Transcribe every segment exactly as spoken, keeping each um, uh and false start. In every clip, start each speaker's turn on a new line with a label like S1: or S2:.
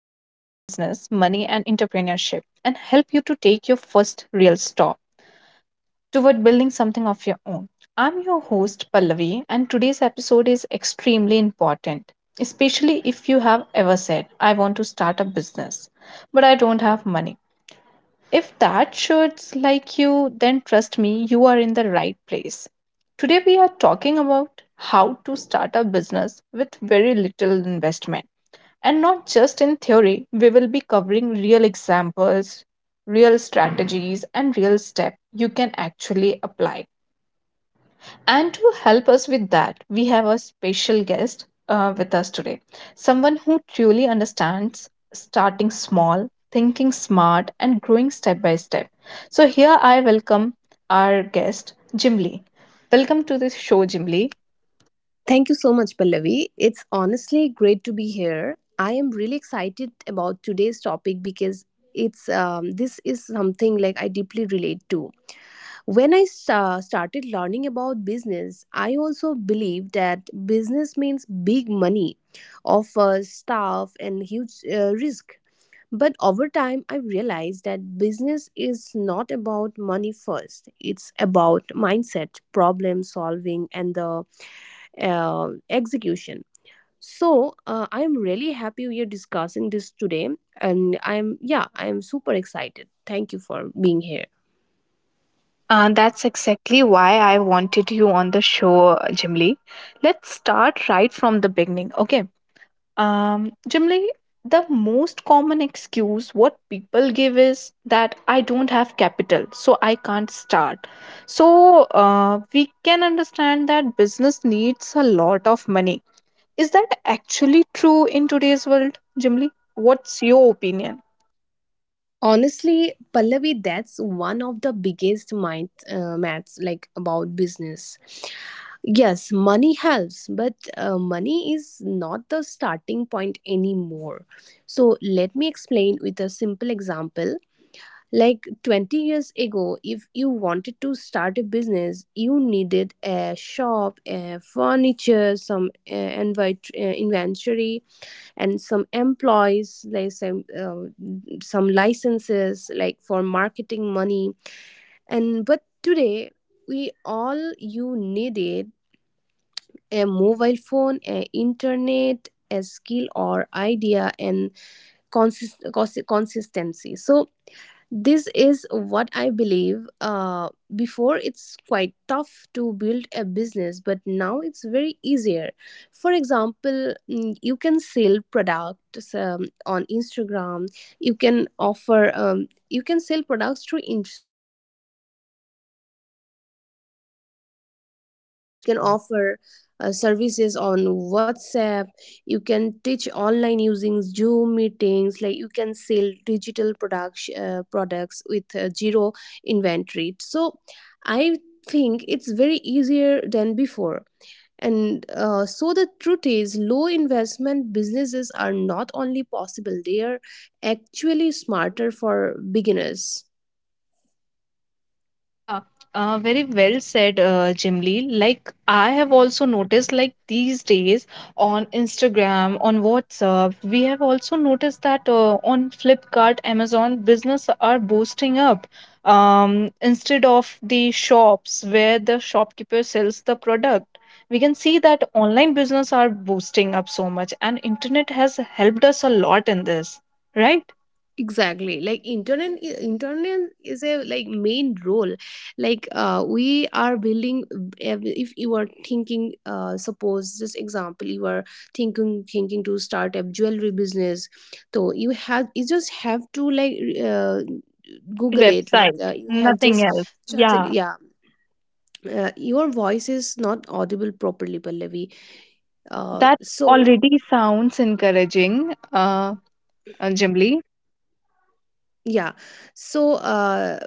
S1: And entrepreneurship and help you to take your first real stop toward building something of your own. I'm your host, Pallavi, and today's episode is extremely important, especially if you have ever said, I want to start a business, but I don't have money. If that shirts like you, then trust me, you are in the right place. Today we are talking about how to start a business with very little investment. And not just in theory, we will be covering real examples, real strategies, and real steps you can actually apply. And to help us with that, we have a special guest uh, with us today. Someone who truly understands starting small, thinking smart, and growing step by step. So, here I welcome our guest, Jim Lee. Welcome to this show, Jim Lee.
S2: Thank you so much, Pallavi. It's honestly great to be here. I am really excited about today's topic because it's um, this is something like I deeply relate to. When I sta- started learning about business, I also believed that business means big money, of uh, staff and huge uh, risk. But over time, I realized that business is not about money first. It's about mindset, problem solving, and the uh, execution. So, uh, I'm really happy we are discussing this today. And I'm, yeah, I'm super excited. Thank you for being here.
S1: Uh, that's exactly why I wanted you on the show, Jim Lee. Let's start right from the beginning. Okay. Um, generally, the most common excuse what people give is that I don't have capital, so I can't start. So uh, we can understand that business needs a lot of money. Is that actually true in today's world, Jimly? What's your opinion?
S2: Honestly, Pallavi, that's one of the biggest mind uh, maths, like, about business. Yes, money helps, but uh, money is not the starting point anymore. So let me explain with a simple example. Like twenty years ago, if you wanted to start a business, you needed a shop, a furniture, some uh, invite, uh, inventory, and some employees, like some, uh, some licenses, like for marketing money. And but today, we all you needed a mobile phone, a internet, a skill or idea, and consist- consi- consistency. So this is what I believe. Uh, before it's quite tough to build a business, but now it's very easier. For example, mm, you can sell products um, on Instagram. You can offer um, you can sell products through Instagram. Offer uh, Services on WhatsApp. You can teach online using Zoom meetings. Like you can sell digital products uh, products with uh, zero inventory. So I think it's very easier than before. And uh, so the truth is low investment businesses are not only possible, they are actually smarter for beginners.
S1: Yeah, uh, very well said, uh, Jimly. Like I have also noticed, like these days on Instagram, on WhatsApp, we have also noticed that uh, on Flipkart, Amazon, business are boosting up. Um, instead of the shops where the shopkeeper sells the product, we can see that online business are boosting up so much, and internet has helped us a lot in this, right?
S2: Exactly. Like internet, i- internet is a like main role. Like uh, we are building. If you are thinking, uh, suppose this example, you are thinking thinking to start a jewelry business. So you have you just have to, like, uh,
S1: Have the
S2: Google it. Like
S1: website,
S2: uh, you have
S1: nothing else.
S2: just just like-
S1: Yeah.
S2: Yeah. Uh, your voice is not audible properly, Pallavi. Uh,
S1: That
S2: so
S1: already sounds encouraging, uh, uh, Jimli.
S2: yeah. so uh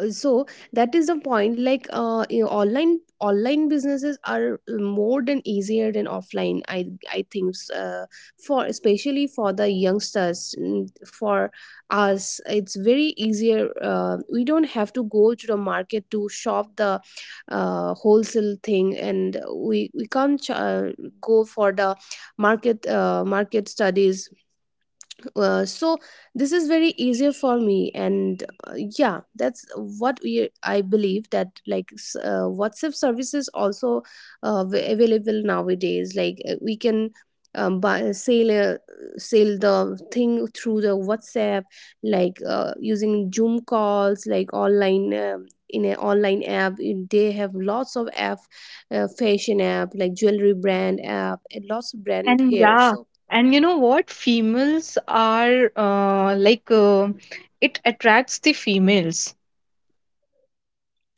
S2: uh, so that is the point, like uh you know, online online businesses are more than easier than offline. I i think, uh, for especially for the youngsters, mm, for us it's very easier. Uh, we don't have to go to the market to shop the uh, wholesale thing. And we we can't uh, go for the market uh, market studies. Uh, so this is very easier for me. And uh, yeah, that's what we I believe. That, like, s- uh, WhatsApp services also uh, av- available nowadays. Like uh, we can um, buy, sell uh, sell the thing through the WhatsApp. Like uh, using Zoom calls, like online, um, in an online app, in- they have lots of app, uh, fashion app, like jewelry brand app, and lots of brand
S1: And
S2: here.
S1: yeah,
S2: So
S1: and you know what? Females are uh, like uh, it attracts the females.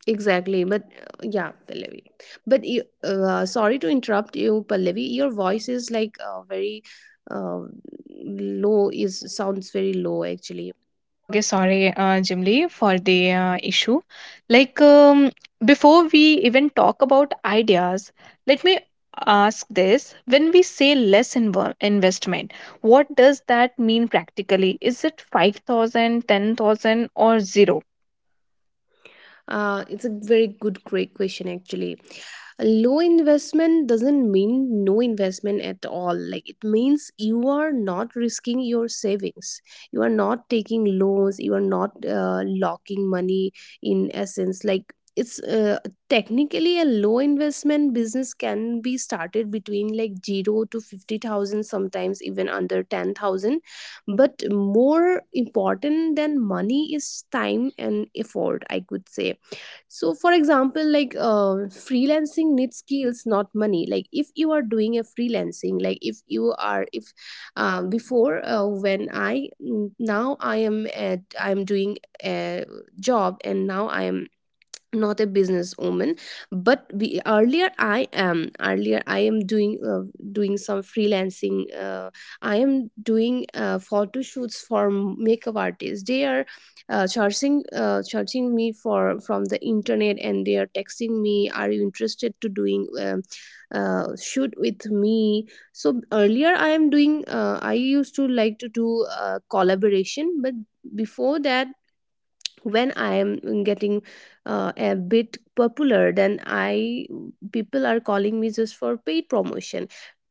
S2: exactly, but uh, yeah, Pallavi. But you, uh, sorry to interrupt you, Pallavi. Your voice is, like, uh, very uh, low. Is sounds very low actually.
S1: Okay, sorry, uh, Jimli, for the uh, issue. Like um, before we even talk about ideas, let me ask this: when we say less inv- investment, what does that mean practically? Is it five thousand, ten thousand, or zero?
S2: Uh, it's a very good, great question actually. Low investment doesn't mean no investment at all. Like it means you are not risking your savings. You are not taking loans. You are not uh, locking money in essence. Like it's uh, technically a low investment business can be started between like zero to fifty thousand, sometimes even under ten thousand. But more important than money is time and effort, I could say. So for example, like uh, freelancing needs skills, not money. Like if you are doing a freelancing, like if you are if um, before uh, when I now I am at, I am doing a job. And now I am not a business woman. But we, earlier i am earlier i am doing, uh, doing some freelancing, uh, I am doing uh, photo shoots for makeup artists. They are uh, charging uh, charging me for from the internet, and they are texting me, are you interested to doing um, uh, shoot with me. So earlier I am doing uh, I used to like to do uh, collaboration. But before that, when I am getting uh, a bit popular, then I people are calling me just for paid promotion,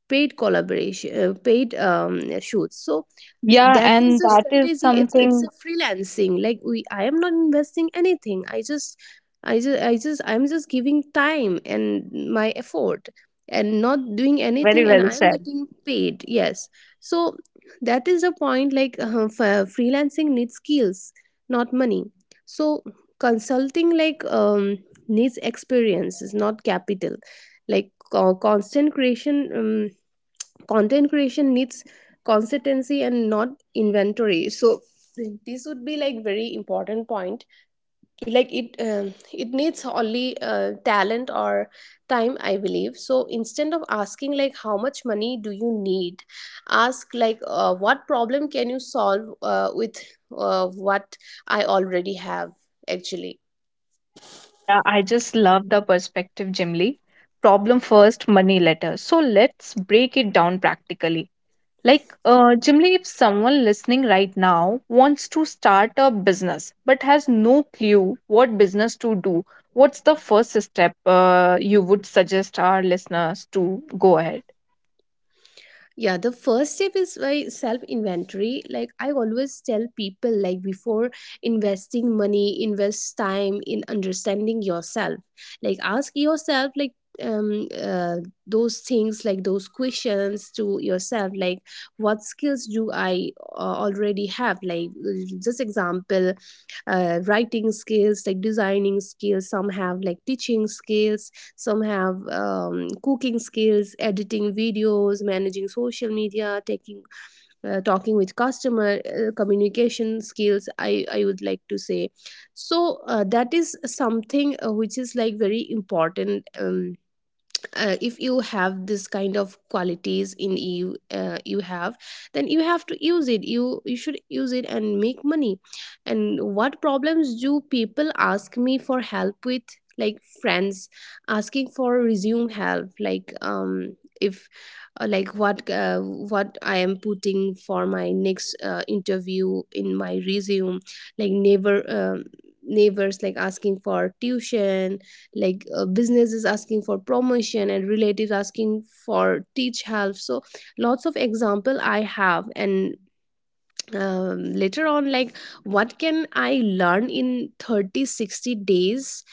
S2: paid collaboration, uh, paid um, shoots. So
S1: Yeah,
S2: that is
S1: and
S2: the
S1: that is
S2: strategy. It's it's
S1: something,
S2: a freelancing, like we I am not investing anything. I just i just i just i'm just giving time and my effort, and not doing
S1: yeah,
S2: anything,
S1: very
S2: and
S1: well
S2: I am
S1: said.
S2: getting paid. Yes, so that is the point. Like uh, f- freelancing needs skills, not money. So consulting, like, um needs experiences, not capital. Like co- constant creation um, content creation needs consistency and not inventory. So this would be like very important point. Like it um, it needs only uh, talent or time, I believe. So instead of asking, like, how much money do you need, ask, like, uh, what problem can you solve uh, with uh, what I already have, actually.
S1: Yeah, I just love the perspective, Jim Lee. Problem first, money later. So let's break it down practically. Like, uh, Jim Lee, if someone listening right now wants to start a business but has no clue what business to do, what's the first step uh, you would suggest our listeners to go ahead?
S2: Yeah, the first step is by self inventory. Like I always tell people, like, before investing money, invest time in understanding yourself. Like, ask yourself, like, um uh, those things like those questions to yourself, like, what skills do I uh, already have, like, just example, uh, writing skills, like designing skills. Some have like teaching skills. Some have um, cooking skills, editing videos, managing social media, taking uh, talking with customer, uh, communication skills, i i would like to say. So uh, that is something uh, which is, like, very important. Um, uh, if you have this kind of qualities in you, uh, you have, then you have to use it. You you should use it and make money. And what problems do people ask me for help with? Like friends asking for resume help, like, um if uh, like, what uh, what I am putting for my next uh, interview in my resume. Like neighbor um neighbors, like, asking for tuition. Like uh, businesses asking for promotion, and relatives asking for teach help. So lots of example I have. And um, later on, like, what can I learn in thirty, sixty days?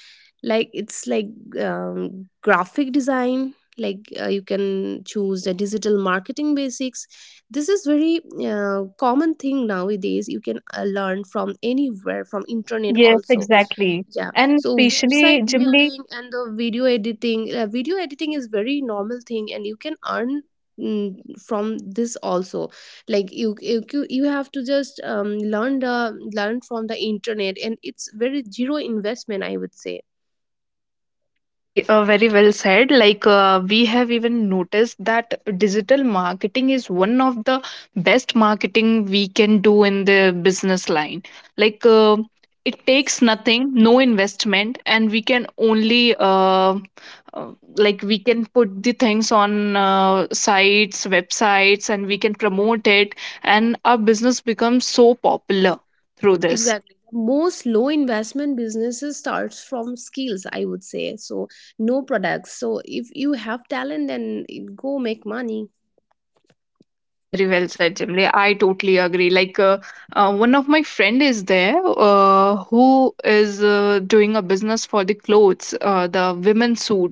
S2: Like, it's like um, graphic design, like, uh, you can choose the digital marketing basics. This is very uh, common thing nowadays. You can uh, learn from anywhere, from internet
S1: Yes,
S2: also.
S1: exactly.
S2: Yeah.
S1: And
S2: So website
S1: especially, Jimli.
S2: building, and the video editing uh, video editing is very normal thing, and you can earn, mm, from this also. Like, you you you you have to just um, learn the learn from the internet, and it's very zero investment, I would say.
S1: Yes, Jimli, uh, very well said. Like, uh, we have even noticed that digital marketing is one of the best marketing we can do in the business line. Like, uh, it takes nothing, no investment, and we can only, uh, uh, like, we can put the things on uh, sites, websites, and we can promote it, and our business becomes so popular through this.
S2: Exactly. The most low investment businesses starts from skills, I would say. So no products. So if you have talent, then go make money.
S1: Yeah, very well said, Jimli. I totally agree. Like, uh, uh, one of my friend is there uh, who is uh, doing a business for the clothes, uh, the women's suit.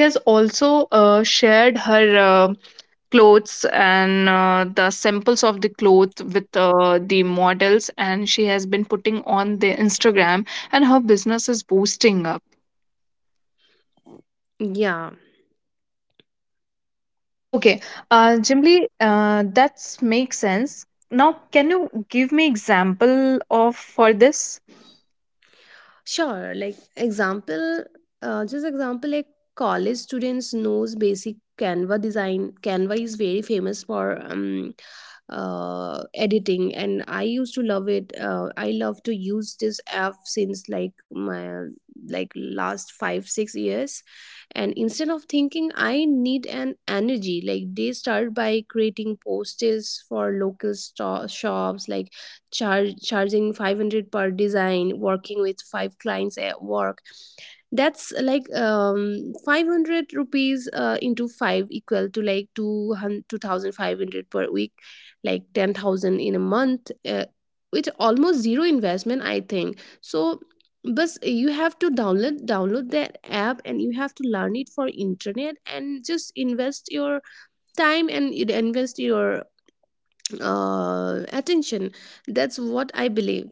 S1: Has also uh, shared her uh, clothes and uh, the samples of the cloth with uh, the models, and she has been putting on the instagram, and her business is boosting up.
S2: Yeah,
S1: Okay, uh Jimly, uh that makes sense. Now, can you give me example of for this?
S2: sure. Like, example, uh, just example, like, college students knows basic Canva design. Canva is very famous for um, uh, editing, and I used to love it. Uh, I love to use this app since, like, my like last five six years. And instead of thinking I need an energy, like, they start by creating posters for local sto- shops, like char- charging five hundred per design, working with five clients at work. That's like um five hundred rupees uh, into five, equal to, like, two hundred two thousand five hundred per week, like ten thousand in a month, uh, with almost zero investment, I think so. But you have to download download that app, and you have to learn it for internet, and just invest your time and invest your uh, attention. That's what I believe.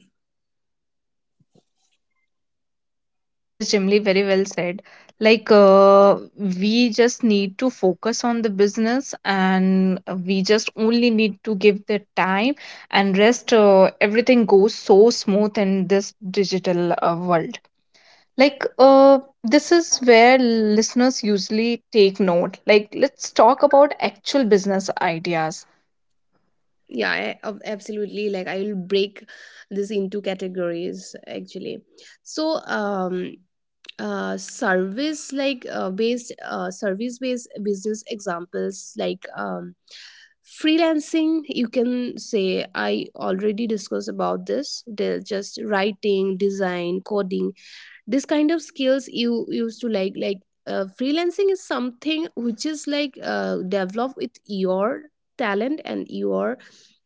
S1: Yes, Jimly, very well said. Like, uh, we just need to focus on the business and we just only need to give the time, and rest. Uh, everything goes so smooth in this digital uh, world. Like, uh, this is where listeners usually take note. Like, let's talk about actual business ideas.
S2: Yeah, I, ab- absolutely, like, I will break this into categories actually. So um uh service, like, uh, based uh, service based business examples. Like, um freelancing, you can say, I already discussed about this. They're just writing, design, coding, this kind of skills you used to like. Like uh, freelancing is something which is, like, uh, develop with your talent and your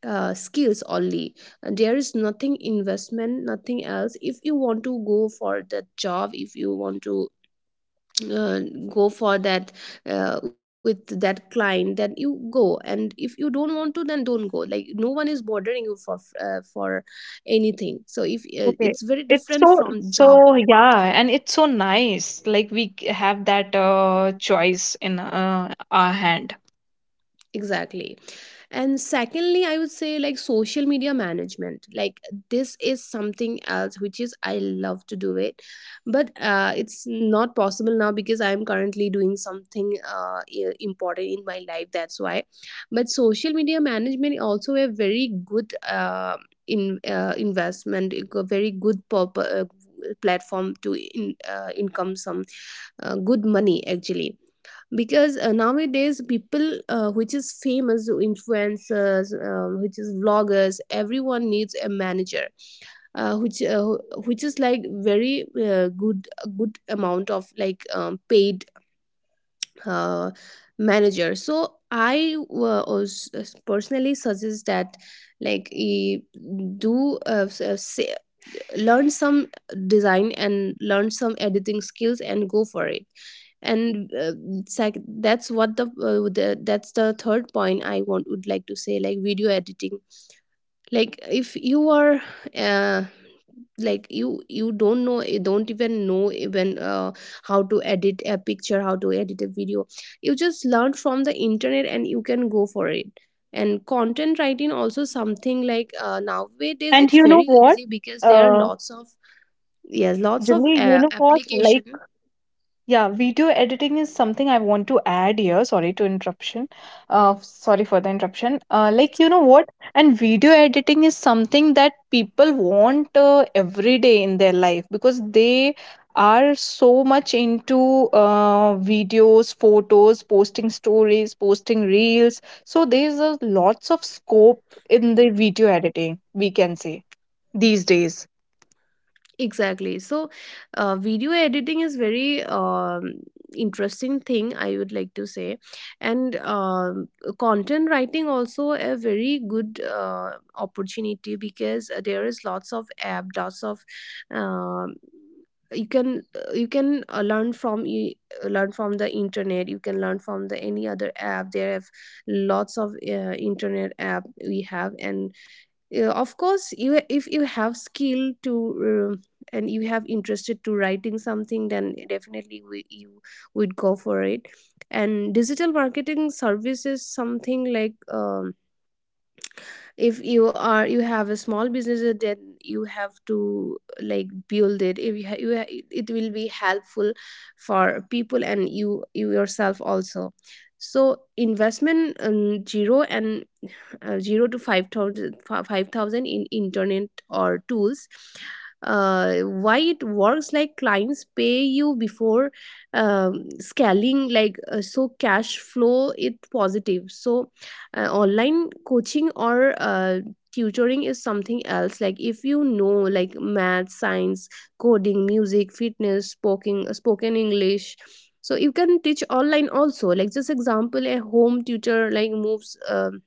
S2: uh, skills only. And there is nothing investment, nothing else. If you want to go for that job, if you want to uh, go for that uh, with that client, then you go. And if you don't want to, then don't go. Like, no one is bothering you for uh, for anything. So if uh, it's
S1: Okay.
S2: very
S1: It's
S2: different
S1: so,
S2: from job.
S1: so, yeah, and it's so nice. Like, we c- have that uh, choice in uh, our hand.
S2: Exactly. And secondly, I would say, like, social media management. Like, this is something else which is I love to do it. But uh, it's not possible now because I'm currently doing something uh, i- important in my life, that's why. But social media management also a very good uh, in uh, investment, a very good purpo- uh, platform to in, uh, income some uh, good money, actually. Because uh, nowadays people, uh, which is famous influencers, um, which is vloggers, everyone needs a manager, uh, which uh, which is, like, very uh, good good amount of, like, um, paid uh, manager. So i uh, was- personally suggest that, like, e- do uh, s- uh, say, learn some design and learn some editing skills and go for it. And uh, sec- that's what the, uh, the That's the third point I want would like to say, like video editing. Like, if you are uh, like you you don't know, you don't even know, even uh, how to edit a picture, how to edit a video. You just learn from the internet and you can go for it. And content writing also something like, uh, nowadays
S1: And
S2: it's
S1: you know
S2: very
S1: what?
S2: easy because there are
S1: Uh,
S2: lots of... Yes, lots of
S1: Jimmy, you
S2: uh,
S1: know what? Like,
S2: application.
S1: yeah, video editing is something I want to add here. Sorry to interruption. Uh, sorry for the interruption. Uh, like,
S2: So.
S1: you know what? And video editing is something that people want uh, every day in their life because they are so much into uh, videos, photos, posting stories, posting reels. So there's a lots of scope in the video editing, we can say, these days.
S2: Exactly. So, uh, video editing is very um, interesting thing I would like to say, and um, content writing also a very good uh, opportunity because there is lots of app, lots of um, you can you can uh, learn from you learn from the internet. You can learn from the any other app. There have lots of uh, internet app we have, and uh, of course you, if you have skill to uh, and you have interested to writing something, then definitely, we, you would go for it. And digital marketing services, something like um, if you are, you have a small business, uh, then you have to like build it. If you, ha- you ha- it will be helpful for people, and you you yourself also. So investment um, zero, and uh, zero to five thousand five thousand in internet or tools. Uh, why it works: like clients pay you before um, scaling, like, uh, so cash flow it positive. So uh, online coaching or uh, tutoring is something else, like if you know, like math, science, coding, music, fitness, spoken spoken English. So you can teach online also, like just example, a home tutor like moves um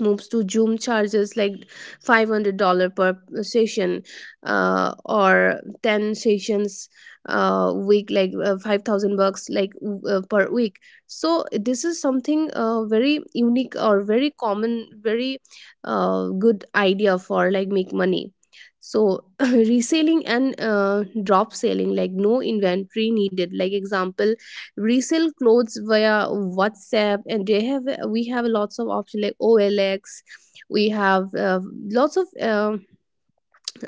S2: moves to Zoom, charges like five hundred dollars per session, uh, or ten sessions uh, week, like uh, five thousand bucks, like uh, per week. So this is something uh, very unique or very common, very uh, good idea for like make money. So reselling and uh, drop selling, like no inventory needed, like example, resell clothes via WhatsApp, and they have we have lots of options like O L X. We have uh, lots of uh,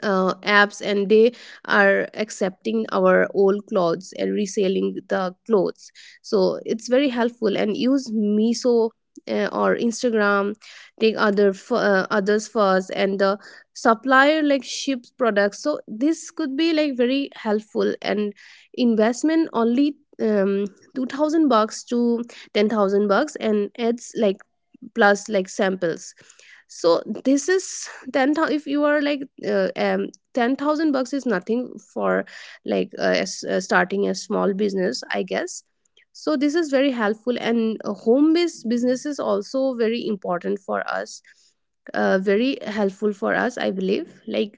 S2: uh, apps, and they are accepting our old clothes and reselling the clothes. So it's very helpful. And use miso uh, or Instagram, take other f- uh, others first, and the supplier like ships products. So this could be like very helpful, and investment only um two thousand bucks to ten thousand bucks, and it's like plus like samples. So this is ten thousand. If you are like, uh, um ten thousand bucks is nothing for, like uh, as, uh, starting a small business, I guess. So this is very helpful. And uh, home based business is also very important for us, uh, very helpful for us, I believe. Like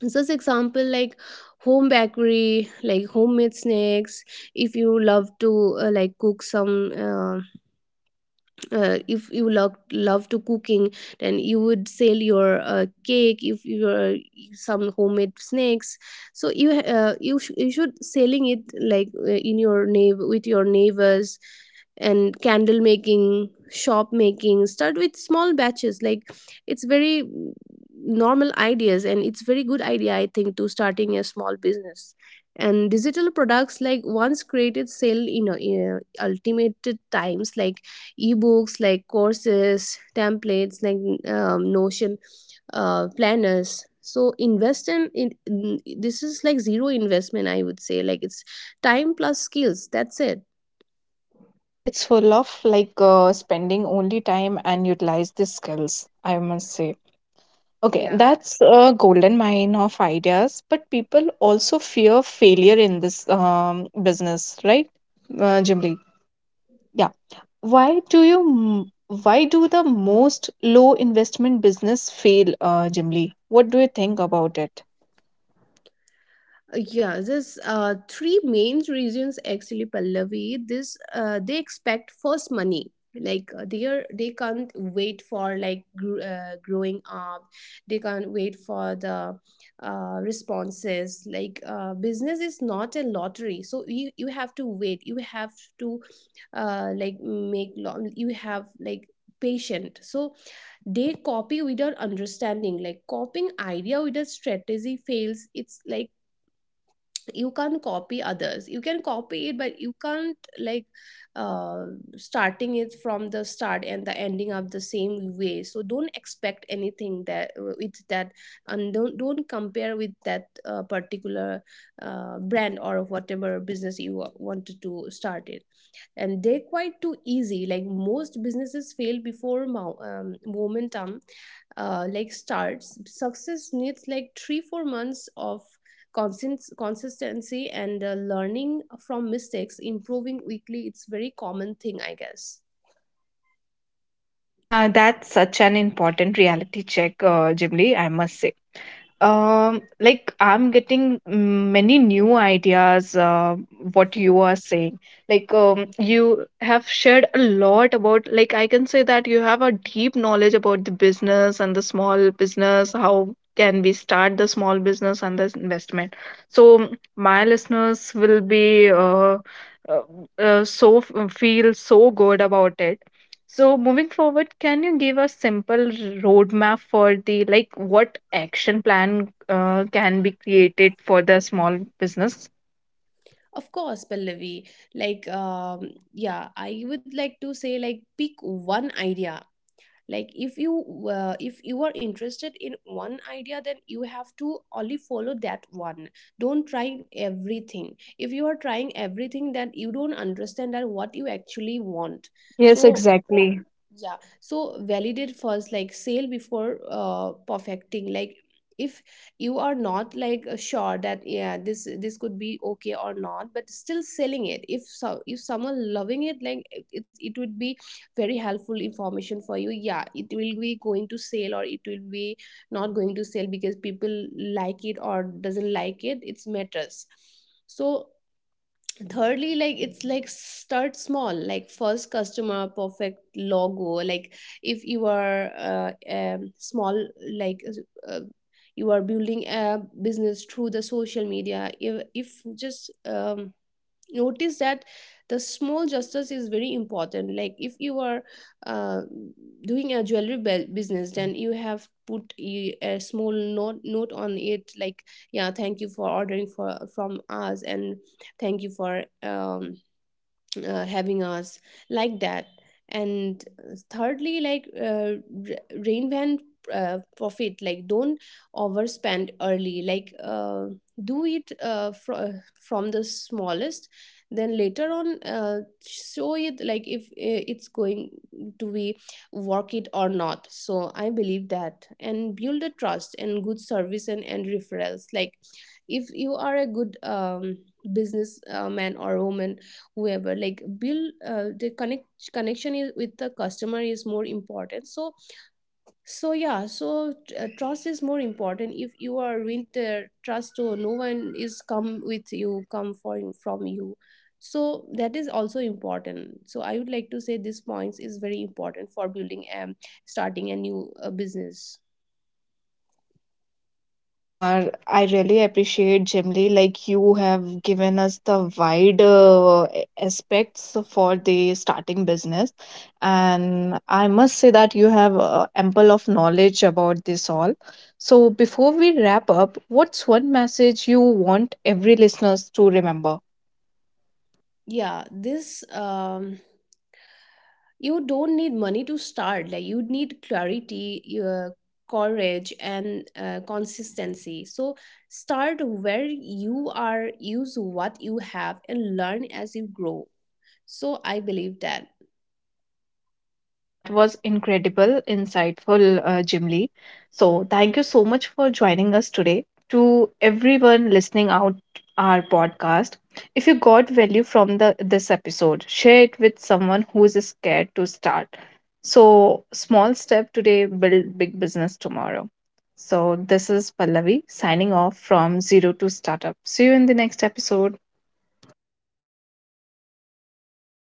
S2: just example, like home bakery, like homemade snacks. If you love to uh, like cook some uh, uh, if you love love to cooking, then you would sell your uh, cake, if you are some homemade snacks. So you uh, you, sh- you should selling it, like uh, in your neighbor with your neighbors. And candle making, shop making, start with small batches. Like it's very mm, normal ideas, and it's very good idea, I think, to starting a small business. And digital products like, once created, sell you know in uh, ultimate times, like ebooks, like courses, templates, like um, notion uh, planners. So invest in, in this is like zero investment, I would say, like it's time plus skills, that's it.
S1: Yeah, it's full of like uh, spending only time and utilize the skills, I must say. Okay,
S2: Yeah.
S1: that's a golden mine of ideas, but people also fear failure in this um, business, right? Uh, Jim Lee. Yeah. Why do you, m- why do the most low investment business fail, uh, Jim Lee? What do you think about it?
S2: Uh, Yeah, there's uh, three main reasons actually, Pallavi. This uh, They expect first money. Like uh, they are, they can't wait for like gr- uh, growing up. They can't wait for the uh, responses. Like uh, business is not a lottery, so you you have to wait. You have to uh, like make long. You have like patient. So they copy without understanding. Like, copying idea without strategy fails. It's like you can't copy others, you can copy it but you can't like uh, starting it from the start and the ending of the same way. So don't expect anything that uh, with that, and don't don't compare with that uh, particular uh, brand or whatever business you wa- wanted to start it. And they're quite too easy, like most businesses fail before mo- um, momentum uh, like starts. Success needs like three four months of consist- consistency, and uh, learning from mistakes, improving weekly. It's very common thing, I guess.
S1: Uh, that's such an important reality check, uh, Jim Lee, I must say. Um, like I'm getting mm, many new ideas. Uh, what you are saying, like um, you have shared a lot about. Like I can say that you have a deep knowledge about the business and the small business. How can we start the small business and the investment? So mm, my listeners will be uh, uh, uh, so f- feel so good about it. So moving forward, can you give a simple roadmap for the, like, what action plan uh, can be created for the small business?
S2: Of course, Pallavi. Like, um, yeah, I would like to say, like pick one idea. Like if you uh, if you are interested in one idea, then you have to only follow that one. Don't try everything. If you are trying everything, then you don't understand that what you actually want.
S1: Yes,
S2: So
S1: exactly.
S2: yeah, so validate first, like sale before uh, perfecting. Like, if you are not like uh, sure that yeah, this this could be okay or not, but still selling it, if so if someone loving it, like it, it it would be very helpful information for you. Yeah, it will be going to sale or it will be not going to sale, because people like it or doesn't like it, it's matters. So thirdly, like it's like start small, like first customer, perfect logo. Like if you are uh, um, small, like uh, you are building a business through the social media, if, if just um, notice that the small justice is very important. Like if you are uh, doing a jewelry bu- business, then you have put a, a small note note on it, like, "Yeah, thank you for ordering for from us," and, "Thank you for um uh, having us," like that. And uh, thirdly, like uh, r- rain van uh, profit, like don't overspend early, like uh, do it uh, fr- from the smallest, then later on uh, show it, like if uh, it's going to be work it or not. So I believe that. And build a trust and good service, and, and referrals. Like if you are a good um, business uh, man or woman, whoever, like build uh, the connect connection is with the customer is more important. So so yeah, so uh, trust is more important. If you are with the trust, so no one is come with you, come for, from you. So that is also important. So I would like to say this points is very important for building and starting a new uh, business.
S1: Uh, I really appreciate, Jimly, like you have given us the wide uh, aspects for the starting business. And I must say that you have uh, ample of knowledge about this all. So before we wrap up, what's one message you want every listeners to remember?
S2: Yeah, this um you don't need money to start, like you need clarity, uh, courage, and uh, consistency. So start where you are, use what you have, and learn as you grow. So I believe that.
S1: Uh, that was incredible, insightful, uh, Jim Lee. So, thank you so much for joining us today. To everyone listening out our podcast, if you got value from the this episode, share it with someone who is scared to start. So, small step today, build big business tomorrow. So, this is Pallavi signing off from Zero to Startup. See you in the next episode.